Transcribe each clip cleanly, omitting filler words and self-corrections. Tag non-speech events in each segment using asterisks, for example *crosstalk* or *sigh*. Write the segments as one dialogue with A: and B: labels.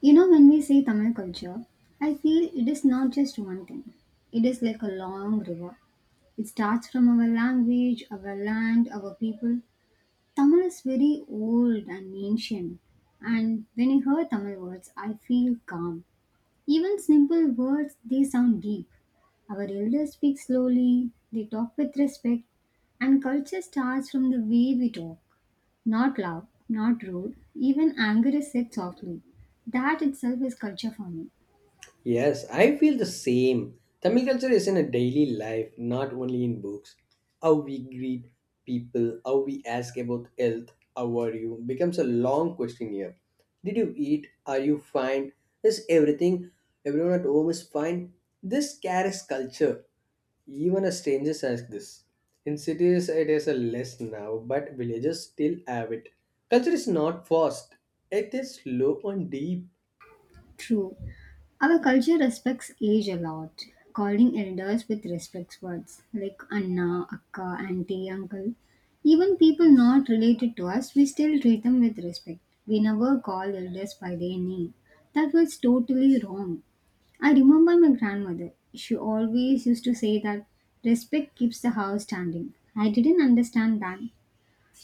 A: You know, when we say Tamil culture, I feel it is not just one thing. It is like a long river. It starts from our language, our land, our people. Tamil is very old and ancient. And when I hear Tamil words, I feel calm. Even simple words, they sound deep. Our elders speak slowly, they talk with respect, and culture starts from the way we talk. Not loud, not rude, even anger is said softly. That itself is culture for me.
B: Yes, I feel the same. Tamil culture is in a daily life, not only in books. How we greet people, how we ask about health, how are you, becomes a long question here. Did you eat? Are you fine? Is everything, everyone at home is fine? This carries culture. Even a stranger says this. In cities, it is a less now, but villages still have it. Culture is not fast; it is slow and deep.
A: True. Our culture respects age a lot, calling elders with respect words like Anna, Akka, Auntie, Uncle. Even people not related to us, we still treat them with respect. We never call elders by their name. That was totally wrong. I remember my grandmother. She always used to say that respect keeps the house standing. I didn't understand that.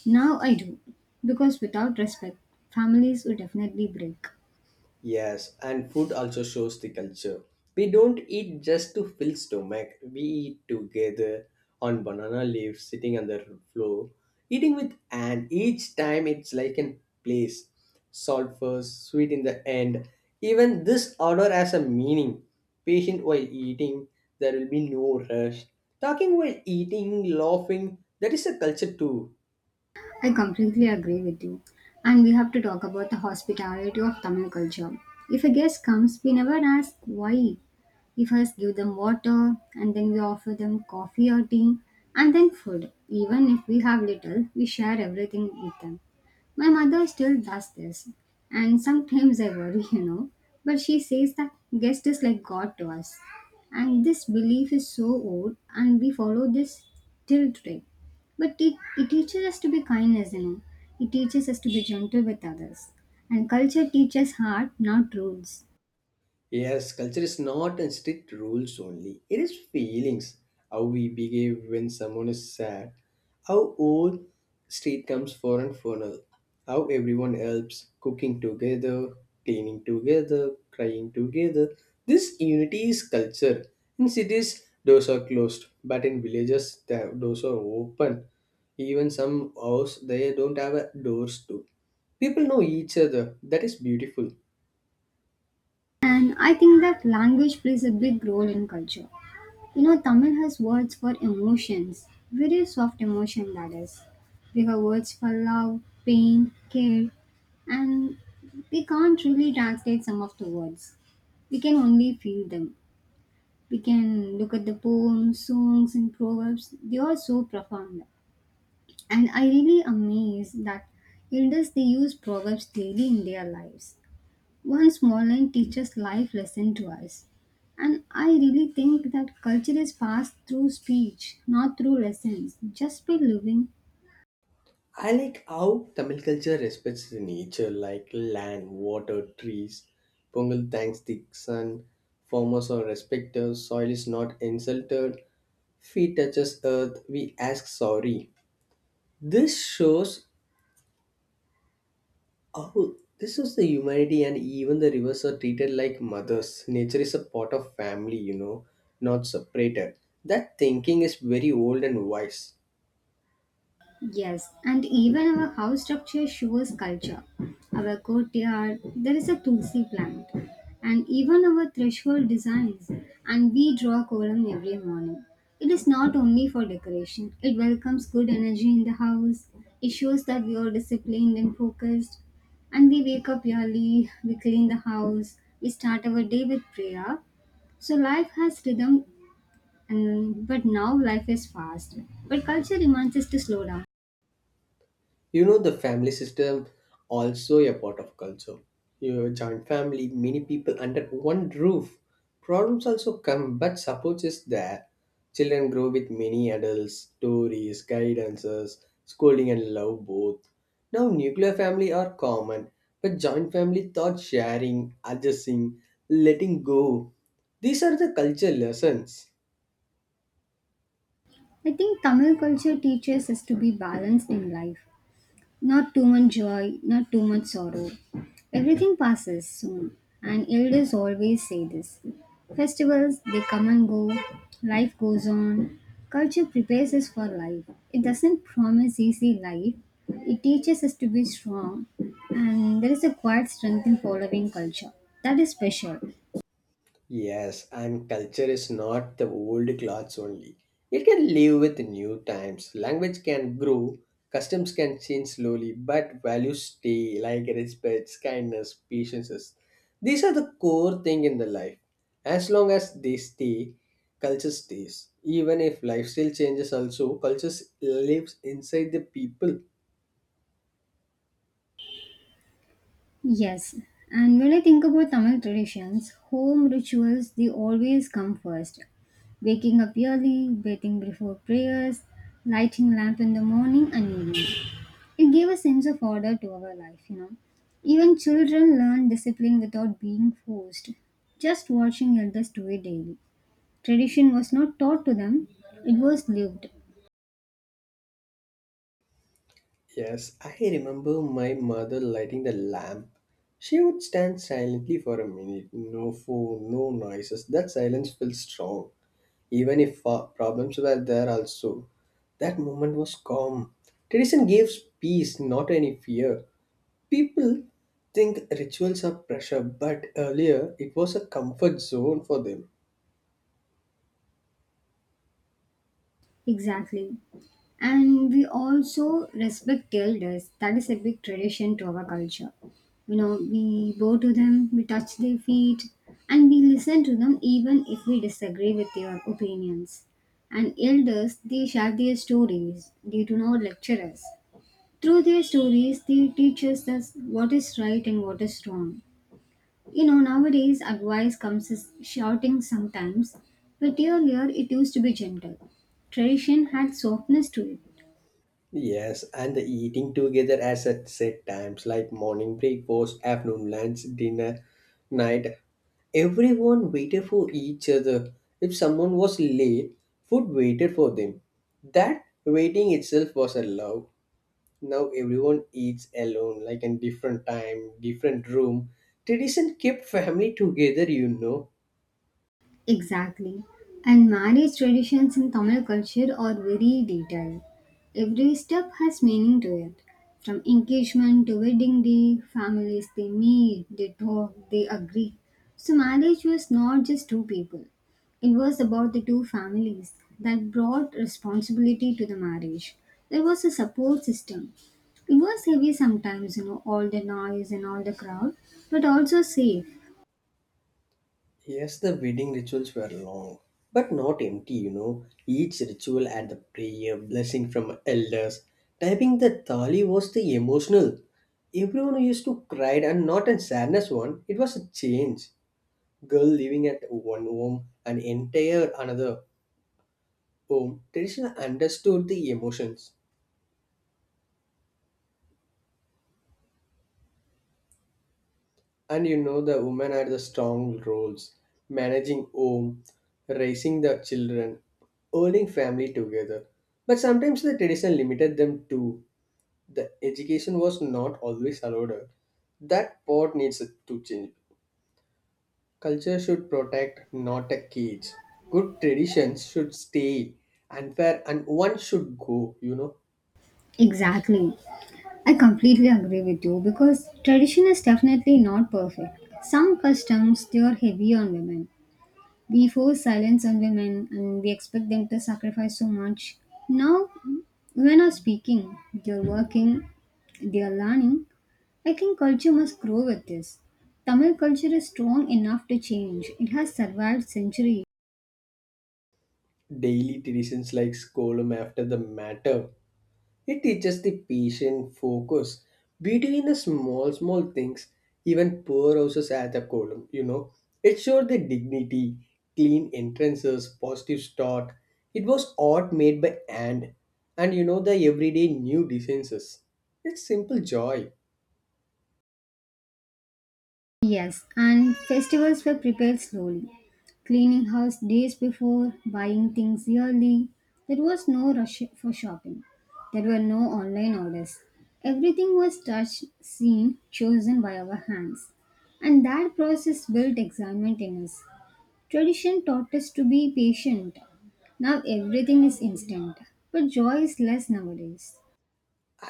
A: Now I do. Because without respect, families will definitely break.
B: Yes, and food also shows the culture. We don't eat just to fill stomach. We eat together on banana leaves, sitting on the floor, eating with and each time it's like an place. Salt first, sweet in the end. Even this order has a meaning. Patient while eating, there will be no rush. Talking while eating, laughing, that is a culture too.
A: I completely agree with you. And we have to talk about the hospitality of Tamil culture. If a guest comes, we never ask why. We first give them water, and then we offer them coffee or tea, and then food. Even if we have little, we share everything with them. My mother still does this, and sometimes I worry, *laughs* . But she says that guest is like God to us, and this belief is so old, and we follow this till today, but it teaches us to be kindness. It teaches us to be gentle with others, and culture teaches heart, not rules.
B: Yes, culture is not in strict rules only. It is feelings, how we behave when someone is sad, how old street comes for and funeral. How everyone helps, cooking together, cleaning together, crying together. This unity is culture. In cities, doors are closed, but in villages, the doors are open. Even some house, they don't have a doors too. People know each other. That is beautiful.
A: And I think that language plays a big role in culture. You know, Tamil has words for emotions, very soft emotion. That is, we have words for love, pain, care, and we can't really translate some of the words. We can only feel them. We can look at the poems, songs, and proverbs. They are so profound. And I really amazed that elders they use proverbs daily in their lives. One small line teaches life lesson to us. And I really think that culture is passed through speech, not through lessons. Just by living.
B: I like how Tamil culture respects the nature like land, water, trees. Pongal thanks the sun. Farmers are respected. Soil is not insulted. Feet touches earth. We ask sorry. This shows how this is the humanity and even the rivers are treated like mothers. Nature is a part of family, you know, not separated. That thinking is very old and wise.
A: Yes, and even our house structure shows culture. Our courtyard, there is a tulsi plant, and even our threshold designs, and we draw column every morning. It is not only for decoration, it welcomes good energy in the house, it shows that we are disciplined and focused, and we wake up early, we clean the house, we start our day with prayer. So life has rhythm, but now life is fast. But culture reminds us to slow down.
B: You know, the family system also a part of culture. You have a joint family, many people under one roof. Problems also come, but support is there. Children grow with many adults, stories, guidances, scolding, and love both. Now, nuclear family are common, but joint family taught sharing, adjusting, letting go. These are the culture lessons.
A: I think Tamil culture teaches us to be balanced in life. Not too much joy, not too much sorrow. Everything passes soon, and elders always say this. Festivals, they come and go, life goes on. Culture prepares us for life. It doesn't promise easy life, it teaches us to be strong, and there is a quiet strength in following culture. That is special.
B: Yes, and culture is not the old clothes only. It can live with new times. Language can grow, customs can change slowly, but values stay like respect, kindness, patience. These are the core thing in the life. As long as they stay, culture stays. Even if lifestyle changes also, culture lives inside the people.
A: Yes, and when I think about Tamil traditions, home rituals they always come first. Waking up early, bathing before prayers, lighting lamp in the morning and evening. It gave a sense of order to our life. Even children learn discipline without being forced, just watching elders do it daily. Tradition was not taught to them, it was lived.
B: Yes, I remember my mother lighting the lamp. She would stand silently for a minute. No phone, no noises. That silence felt strong, even if problems were there also. That moment was calm. Tradition gives peace, not any fear. People think rituals are pressure, but earlier it was a comfort zone for them.
A: Exactly. And we also respect elders. That is a big tradition to our culture. You know, we bow to them, we touch their feet, and we listen to them even if we disagree with their opinions. And elders they share their stories, they do not lecture us. Through their stories they teach us that what is right and what is wrong. You know, nowadays advice comes as shouting sometimes, but earlier it used to be gentle. Tradition had softness to it.
B: Yes, and the eating together as at set times like morning breakfast, afternoon lunch, dinner, night. Everyone waited for each other. If someone was late, food waited for them. That waiting itself was a love. Now everyone eats alone, like in different time, different room. Tradition kept family together, you know.
A: Exactly. And marriage traditions in Tamil culture are very detailed. Every step has meaning to it. From engagement to wedding day, families they meet, they talk, they agree. So marriage was not just two people. It was about the two families that brought responsibility to the marriage. There was a support system. It was heavy sometimes, all the noise and all the crowd, but also safe.
B: Yes, the wedding rituals were long, but not empty, you know. Each ritual had the prayer, blessing from elders. Typing the thali was the emotional. Everyone used to cry and not in sadness one. It was a change. Girl living at one home and entire another home. Tradition understood the emotions. And you know the women had the strong roles, managing home, raising the children, holding family together. But sometimes the tradition limited them too. The education was not always allowed. That part needs to change. Culture should protect, not a cage. Good traditions should stay. Unfair and one should go, you know.
A: Exactly. I completely agree with you because tradition is definitely not perfect. Some customs they are heavy on women. We force silence on women and we expect them to sacrifice so much. Now women are speaking, they're working, they are learning. I think culture must grow with this. Tamil culture is strong enough to change. It has survived centuries.
B: Daily traditions like scolum after the matter. It teaches the patient focus between the small, small things, even poor houses at a column, you know. It showed the dignity, clean entrances, positive start. It was art made by hand, and you know the everyday new defenses. It's simple joy.
A: Yes, and festivals were prepared slowly. Cleaning house days before, buying things yearly. There was no rush for shopping. There were no online orders. Everything was touched, seen, chosen by our hands. And that process built excitement in us. Tradition taught us to be patient. Now everything is instant, but joy is less nowadays.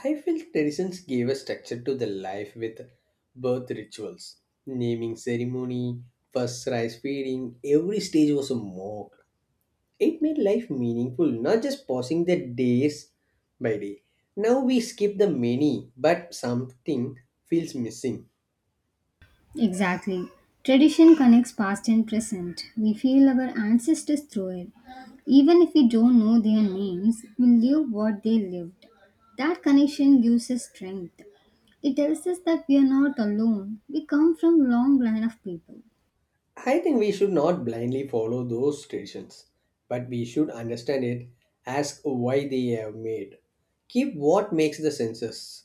B: I feel traditions gave a structure to the life with birth rituals, naming ceremony, first rice feeding. Every stage was a mock. It made life meaningful, not just passing the days by day. Now we skip the many, but something feels missing.
A: Exactly. Tradition connects past and present. We feel our ancestors through it. Even if we don't know their names, we live what they lived. That connection gives us strength. It tells us that we are not alone. We come from a long line of people.
B: I think we should not blindly follow those traditions, but we should understand it, ask why they are made. Keep what makes the senses,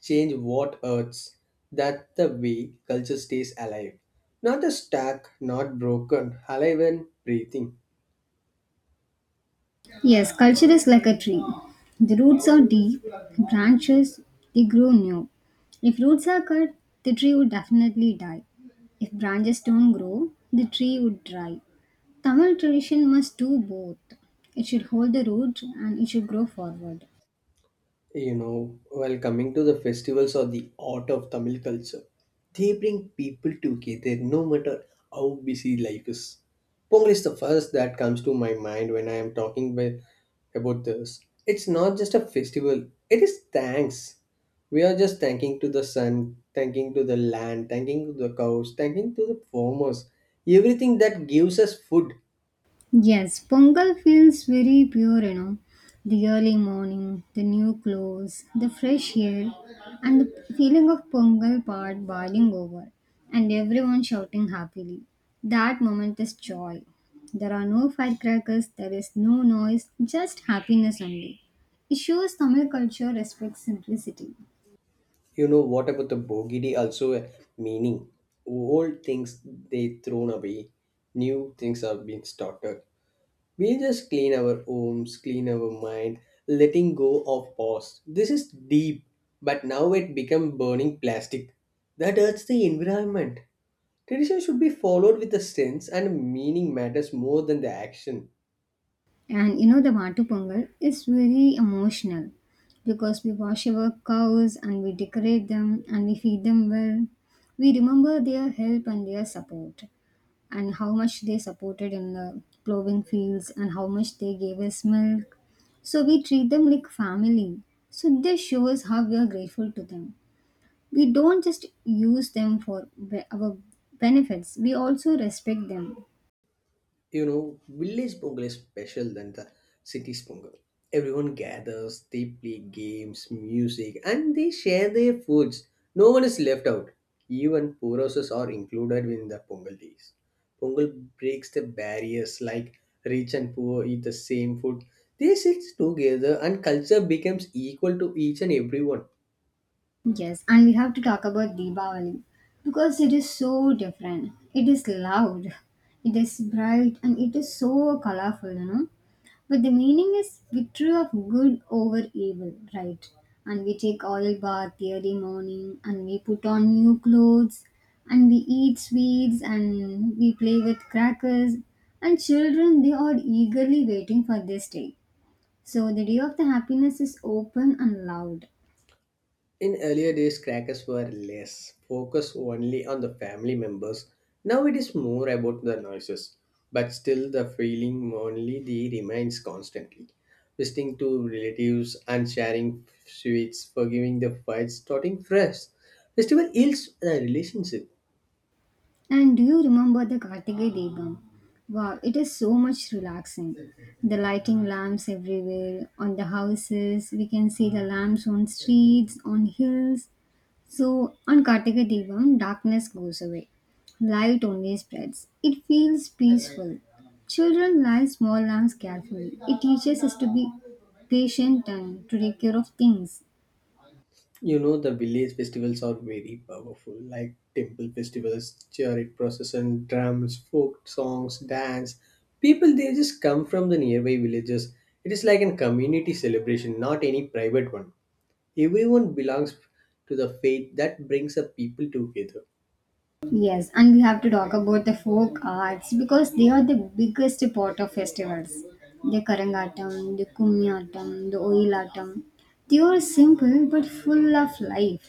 B: change what hurts. That the way culture stays alive. Not a stack, not broken, alive and breathing.
A: Yes, culture is like a tree. The roots are deep, branches, they grow new. If roots are cut, the tree would definitely die. If branches don't grow, the tree would dry. Tamil tradition must do both. It should hold the root and it should grow forward.
B: You know, while coming to the festivals or the art of Tamil culture, they bring people together no matter how busy life is. Pongal is the first that comes to my mind when I am talking with, about this. It's not just a festival, it is thanks. We are just thanking to the sun, thanking to the land, thanking to the cows, thanking to the farmers, everything that gives us food.
A: Yes, Pongal feels very pure. The early morning, the new clothes, the fresh air, and the feeling of Pongal pot boiling over, and everyone shouting happily. That moment is joy. There are no firecrackers, there is no noise, just happiness only. It shows Tamil culture respects simplicity.
B: You know what about the bogey? Also, a meaning. Old things they thrown away, new things are being started. We just clean our homes, clean our mind, letting go of past. This is deep, but now it become burning plastic. That hurts the environment. Tradition should be followed with a sense, and meaning matters more than the action.
A: And you know, the Vatu Pongal is very emotional because we wash our cows and we decorate them and we feed them well. We remember their help and their support, and how much they supported in the plowing fields, and how much they gave us milk. So we treat them like family. So this shows how we are grateful to them. We don't just use them for our benefits, we also respect them.
B: You know, village Pongal is special than the city's Pongal. Everyone gathers, they play games, music, and they share their foods. No one is left out. Even poor houses are included in the Pongal days. Pongal breaks the barriers like rich and poor eat the same food. They sit together and culture becomes equal to each and everyone.
A: Yes, and we have to talk about Deepavali because it is so different. It is loud, it is bright, and it is so colorful. But the meaning is victory of good over evil, right? And we take oil bath every morning, and we put on new clothes, and we eat sweets, and we play with crackers. And children, they are eagerly waiting for this day. So the day of the happiness is open and loud.
B: In earlier days, crackers were less focused only on the family members. Now it is more about the noises, but still the feeling only the remains constantly. Visiting to relatives and sharing sweets, forgiving the fights, starting fresh. Festival heals the relationship.
A: And do you remember the Kartige Debam? Wow, it is so much relaxing. The lighting lamps everywhere, on the houses, we can see the lamps on streets, on hills. So on Kartige Debam, darkness goes away. Light only spreads. It feels peaceful. Children light small lamps carefully. It teaches us to be patient and to take care of things.
B: You know, the village festivals are very powerful, like temple festivals, chariot procession, drums, folk songs, dance. People, they just come from the nearby villages. It is like a community celebration, not any private one. Everyone belongs to the faith that brings the people together.
A: Yes, and we have to talk about the folk arts because they are the biggest part of festivals. The Karangatam, the Kummiyatam, the Oyilatam. They are simple but full of life.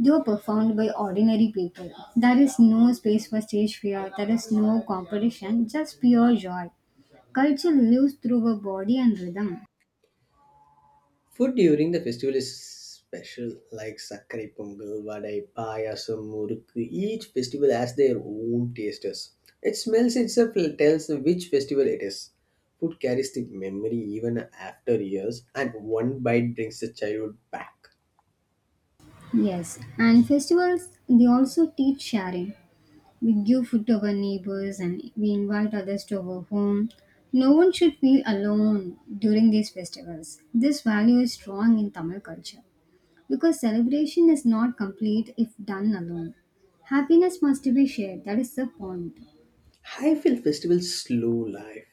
A: They are performed by ordinary people. There is no space for stage fear, there is no competition, just pure joy. Culture lives through our body and rhythm.
B: Food during the festival is special, like Sakkari Pongal, Vadai, Payasam, Murukku. Each festival has their own tasters. Its smells itself tells which festival it is. Food carries the memory even after years, and one bite brings the childhood back.
A: Yes, and festivals they also teach sharing. We give food to our neighbors and we invite others to our home. No one should feel alone during these festivals. This value is strong in Tamil culture because celebration is not complete if done alone. Happiness must be shared, that is the point.
B: I feel festivals slow life.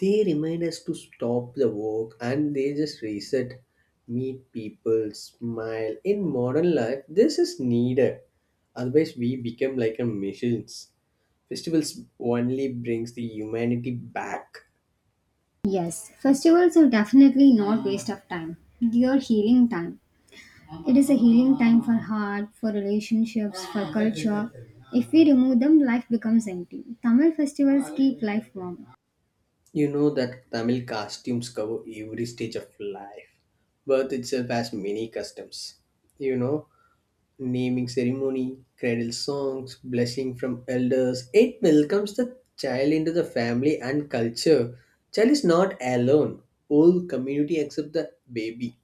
B: They remind us to stop the work and they just reset, meet people, smile. In modern life, this is needed. Otherwise, we become like a machines. Festivals only brings the humanity back.
A: Yes, festivals are definitely not waste of time. They are healing time. It is a healing time for heart, for relationships, for culture. If we remove them, life becomes empty. Tamil festivals keep life warm.
B: You know that Tamil costumes cover every stage of life. Birth itself has many customs. You know, naming ceremony, cradle songs, blessing from elders. It welcomes the child into the family and culture. Child is not alone. Whole community accept the baby.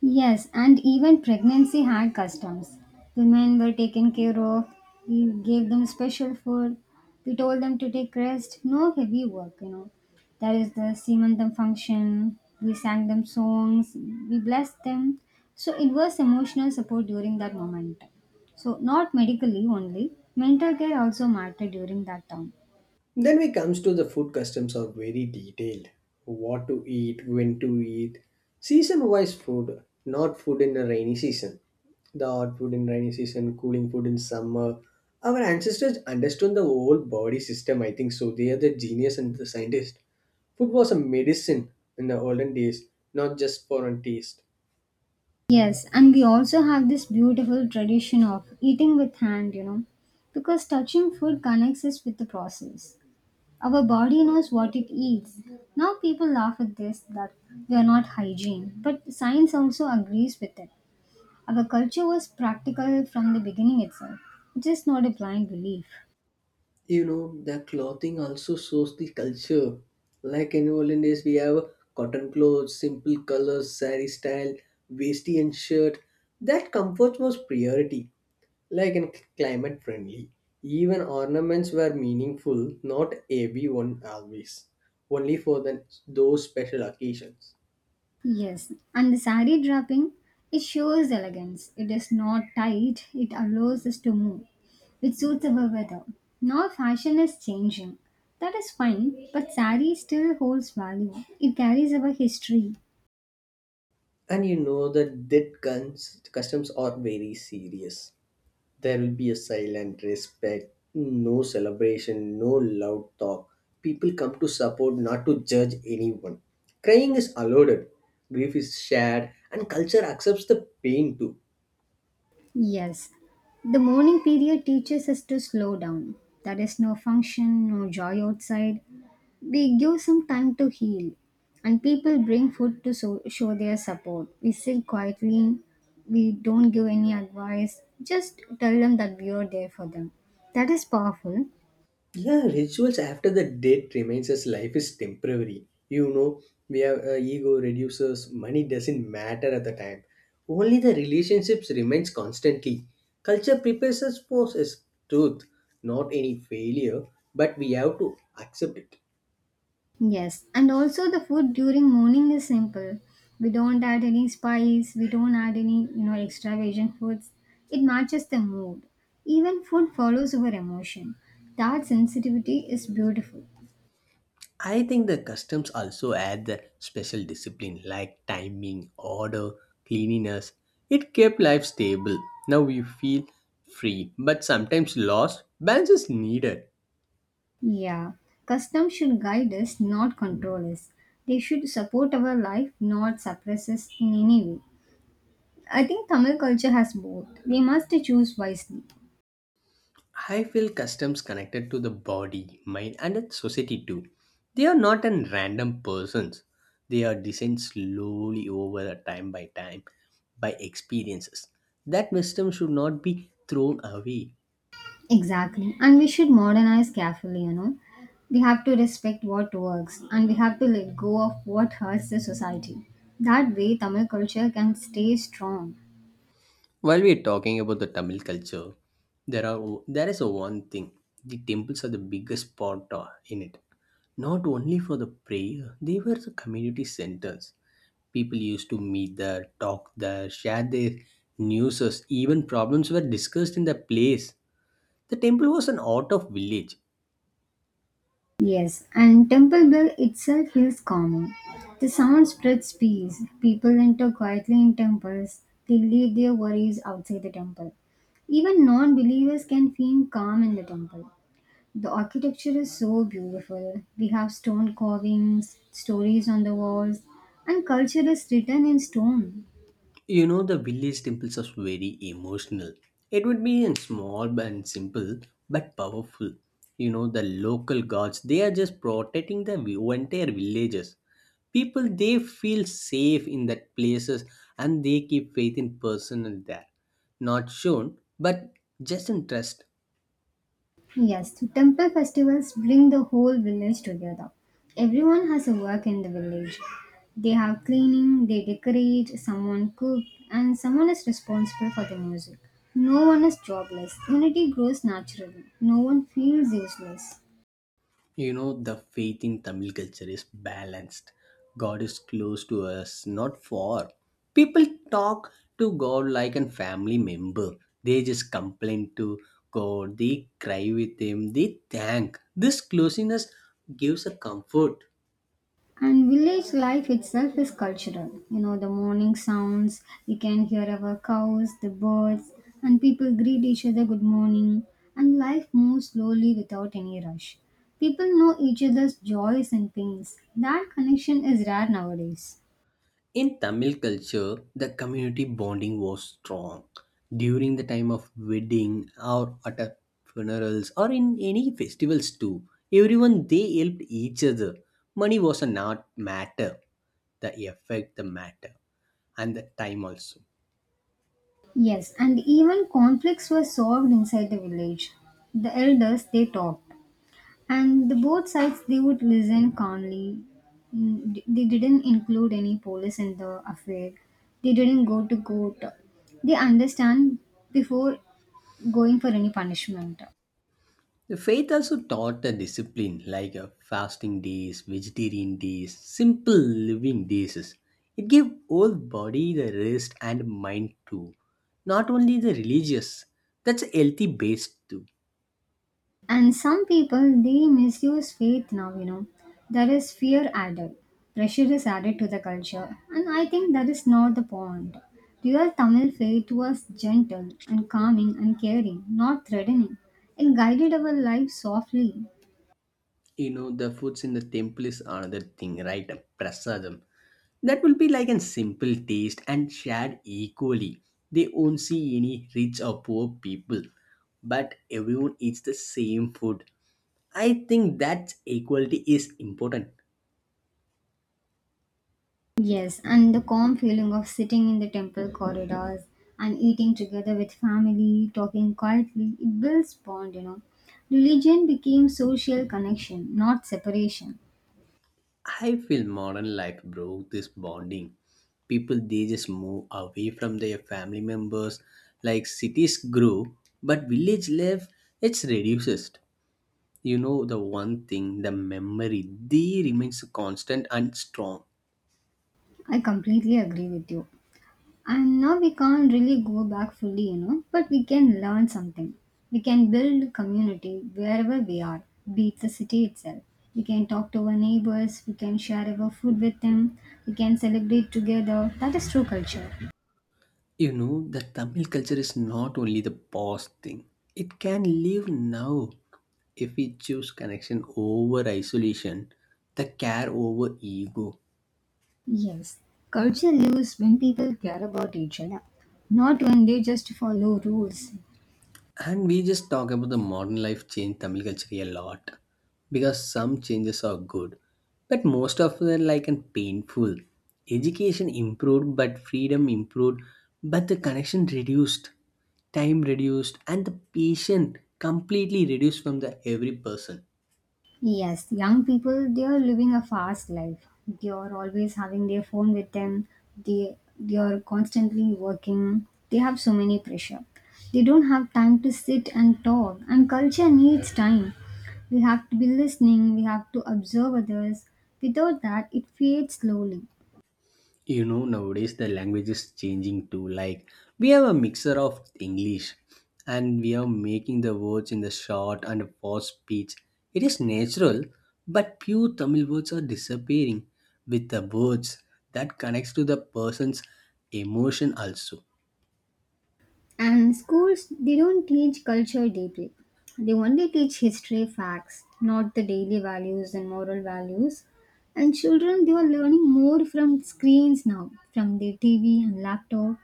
A: Yes, and even pregnancy had customs. Women were taken care of, we gave them special food, we told them to take rest, no heavy work. That is the Simantam function, we sang them songs, we blessed them. So it was emotional support during that moment. So, not medically only, mental care also mattered during that time.
B: Then we comes to the food customs are very detailed. What to eat, when to eat, season-wise food, not food in the rainy season. The hot food in rainy season, cooling food in summer. Our ancestors understood the whole body system, I think so. They are the genius and the scientist. Food was a medicine in the olden days, not just for a taste.
A: Yes, and we also have this beautiful tradition of eating with hand, because touching food connects us with the process. Our body knows what it eats. Now people laugh at this that they are not hygiene, but science also agrees with it. Our culture was practical from the beginning itself. It is not a blind belief.
B: You know the clothing also shows the culture like in olden days we have cotton clothes simple colors sari style vesti and shirt that comfort was priority like in climate friendly even ornaments were meaningful not everyone always only for the, those special occasions.
A: Yes, and the sari draping, it shows elegance. It is not tight, it allows us to move, which suits our weather. Now fashion is changing. That is fine, but sari still holds value. It carries our history.
B: And you know that guns customs are very serious. There will be a silent respect, no celebration, no loud talk. People come to support, not to judge anyone. Crying is allowed, grief is shared, and culture accepts the pain too.
A: Yes, the morning period teaches us to slow down. There is no function, no joy outside. We give some time to heal, and people bring food to show their support. We sit quietly, we don't give any advice, just tell them that we are there for them. That is powerful.
B: Yeah, rituals after the death reminds us life is temporary. You know, we have ego reduces, money doesn't matter at the time. Only the relationships remains constantly. Culture prepares us for its truth, not any failure, but we have to accept it.
A: Yes, and also the food during morning is simple. We don't add any spice, we don't add any, extravagant foods. It matches the mood. Even food follows our emotion. That sensitivity is beautiful.
B: I think the customs also add the special discipline like timing, order, cleanliness. It kept life stable. Now we feel free, but sometimes lost. Balance is needed.
A: Yeah, customs should guide us, not control us. They should support our life, not suppress us in any way. I think Tamil culture has both. We must choose wisely.
B: I feel customs connected to the body, mind, and the society too. They are not an random persons. They are designed slowly over a time by time, by experiences. That wisdom should not be thrown away.
A: Exactly. And we should modernize carefully, you know. We have to respect what works and we have to let go of what hurts the society. That way, Tamil culture can stay strong.
B: While we're talking about the Tamil culture, there are there is a one thing. The temples are the biggest part in it. Not only for the prayer, they were the community centers. People used to meet there, talk there, share their news, even problems were discussed in the place. The temple was an art of village.
A: Yes, and Temple Bell itself feels calming. The sound spreads peace. People enter quietly in temples, they leave their worries outside the temple. Even non believers can feel calm in the temple. The architecture is so beautiful. We have stone carvings, stories on the walls, and culture is written in stone.
B: You know, the village temples are very emotional. It would be in small and simple, but powerful. You know, the local gods, they are just protecting the entire villages. People, they feel safe in that places and they keep faith in personal there. Not shown, but just in trust.
A: Yes, the temple festivals bring the whole village together. Everyone has a work in the village. They have cleaning, they decorate, someone cooks, and someone is responsible for the music. No one is jobless. Unity grows naturally. No one feels useless.
B: You know, the faith in Tamil culture is balanced. God is close to us, not far. People talk to God like a family member. They just complain to God, they cry with Him, they thank. This closeness gives a comfort.
A: And village life itself is cultural. You know, the morning sounds, we can hear our cows, the birds, and people greet each other good morning, and life moves slowly without any rush. People know each other's joys and pains. That connection is rare nowadays.
B: In Tamil culture, the community bonding was strong during the time of wedding or at a funerals or in any festivals too. Everyone they helped each other. Money was a not matter. The effect the matter and the time also.
A: Yes, and even conflicts were solved inside the village. The elders, they talk. And the both sides they would listen calmly. Mm, they didn't include any police in the affair. They didn't go to court. They understand before going for any punishment.
B: The faith also taught a discipline like a fasting days, vegetarian days, simple living days. It gave whole body the rest and mind too. Not only the religious, that's healthy based too.
A: And some people they misuse faith now, you know. There is fear added. Pressure is added to the culture. And I think that is not the point. Real Tamil faith was gentle and calming and caring, not threatening. It guided our lives softly.
B: You know the foods in the temple is another thing, right? Prasadam, that will be like a simple taste and shared equally. They won't see any rich or poor people, but everyone eats the same food. I think that equality is important.
A: Yes, and the calm feeling of sitting in the temple corridors and eating together with family, talking quietly, it builds bond. Religion became social connection, not separation.
B: I feel modern life broke this bonding. People they just move away from their family members, like cities grow but village life, it's reduces. You know, the one thing, the memory, they remains constant and strong.
A: I completely agree with you. And now we can't really go back fully, you know, but we can learn something. We can build community wherever we are, be it the city itself. We can talk to our neighbors, we can share our food with them, we can celebrate together. That is true culture.
B: You know, the Tamil culture is not only the past thing, it can live now. If we choose connection over isolation, the care over ego.
A: Yes, culture lives when people care about each other, not when they just follow rules.
B: And we just talk about the modern life change Tamil culture a lot, because some changes are good, but most of them like and painful. Education improved, but freedom improved, but the connection reduced, time reduced, and the patient completely reduced from the every person.
A: Yes, young people, they are living a fast life. They are always having their phone with them. They are constantly working. They have so many pressure. They don't have time to sit and talk. And culture needs time. We have to be listening. We have to observe others. Without that, it fades slowly.
B: You know, nowadays the language is changing too, like we have a mixer of English and we are making the words in the short and fast speech. It is natural, but pure Tamil words are disappearing. With the words that connects to the person's emotion also.
A: And schools, they don't teach culture deeply. They only teach history facts, not the daily values and moral values. And children, they are learning more from screens now, from their TV and laptop.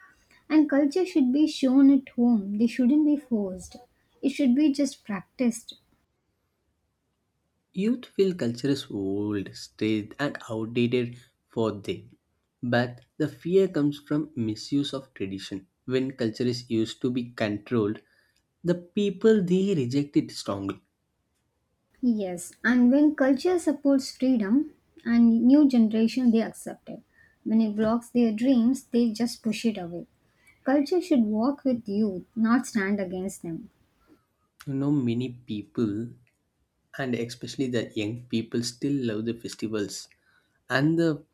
A: And culture should be shown at home, they shouldn't be forced. It should be just practiced.
B: Youth feel culture is old, staged, and outdated for them. But the fear comes from misuse of tradition. When culture is used to be controlled, the people they reject it strongly.
A: Yes, and when culture supports freedom and new generation they accept it. When it blocks their dreams, they just push it away. Culture should walk with youth, not stand against them.
B: You know, many people, and especially the young people, still love the festivals and the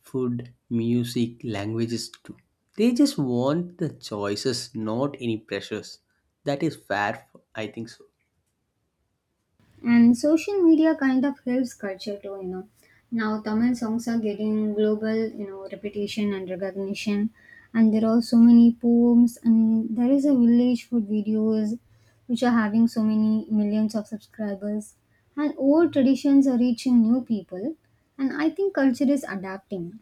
B: food, music, languages too. They just want the choices, not any pressures. That is fair, I think so.
A: And social media kind of helps culture too, you know. Now Tamil songs are getting global, you know, reputation and recognition. And there are so many poems and there is a village food videos which are having so many millions of subscribers. And old traditions are reaching new people. And I think culture is adapting.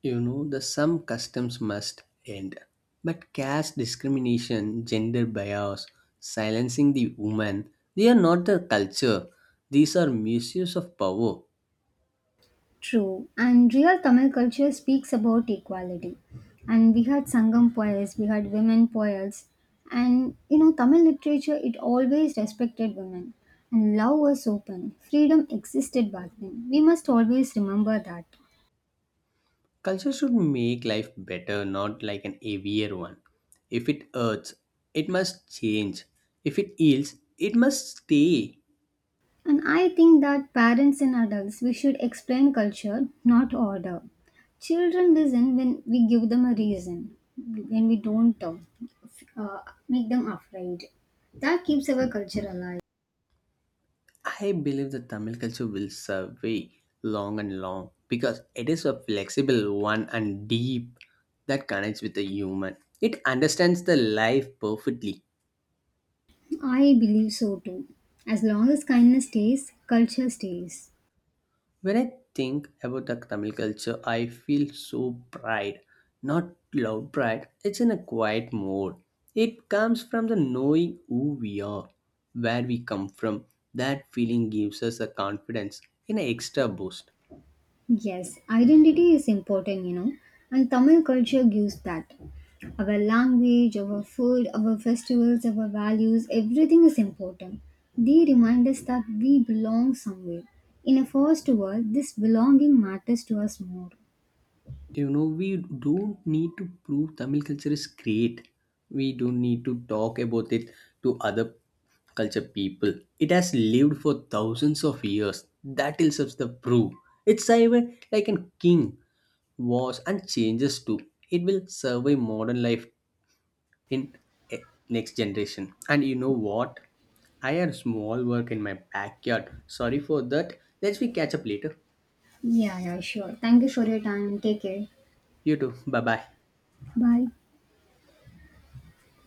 B: You know, the some customs must end. But caste discrimination, gender bias, silencing the woman, they are not the culture. These are misuse of power.
A: True, and real Tamil culture speaks about equality. And we had Sangam poets, we had women poets, and you know, Tamil literature it always respected women, and love was open, freedom existed back then. We must always remember that.
B: Culture should make life better, not like an heavier one. If it hurts, it must change. If it heals, it must stay.
A: And I think that parents and adults we should explain culture, not order. Children listen when we give them a reason, when we don't f- uh, make them afraid. That keeps our culture alive.
B: I believe the Tamil culture will survive long and long, because it is a flexible one and deep that connects with the human. It understands the life perfectly.
A: I believe so too. As long as kindness stays, culture stays.
B: When I think about the Tamil culture, I feel so pride, not loud pride. It's in a quiet mode. It comes from the knowing who we are, where we come from. That feeling gives us a confidence in an extra boost.
A: Yes, identity is important, you know, and Tamil culture gives that. Our language, our food, our festivals, our values, everything is important. They remind us that we belong somewhere. In a first world, this belonging matters to us more.
B: You know, we don't need to prove Tamil culture is great. We don't need to talk about it to other culture people. It has lived for thousands of years. That itself is the proof. It's even like a king was and changes too. It will survive modern life in, eh, next generation. And you know what, I had small work in my backyard. Sorry for that. Let's we catch up later.
A: Yeah, yeah, sure. Thank you for
B: Sure.
A: your time. Take care.
B: You too, bye bye.
A: Bye.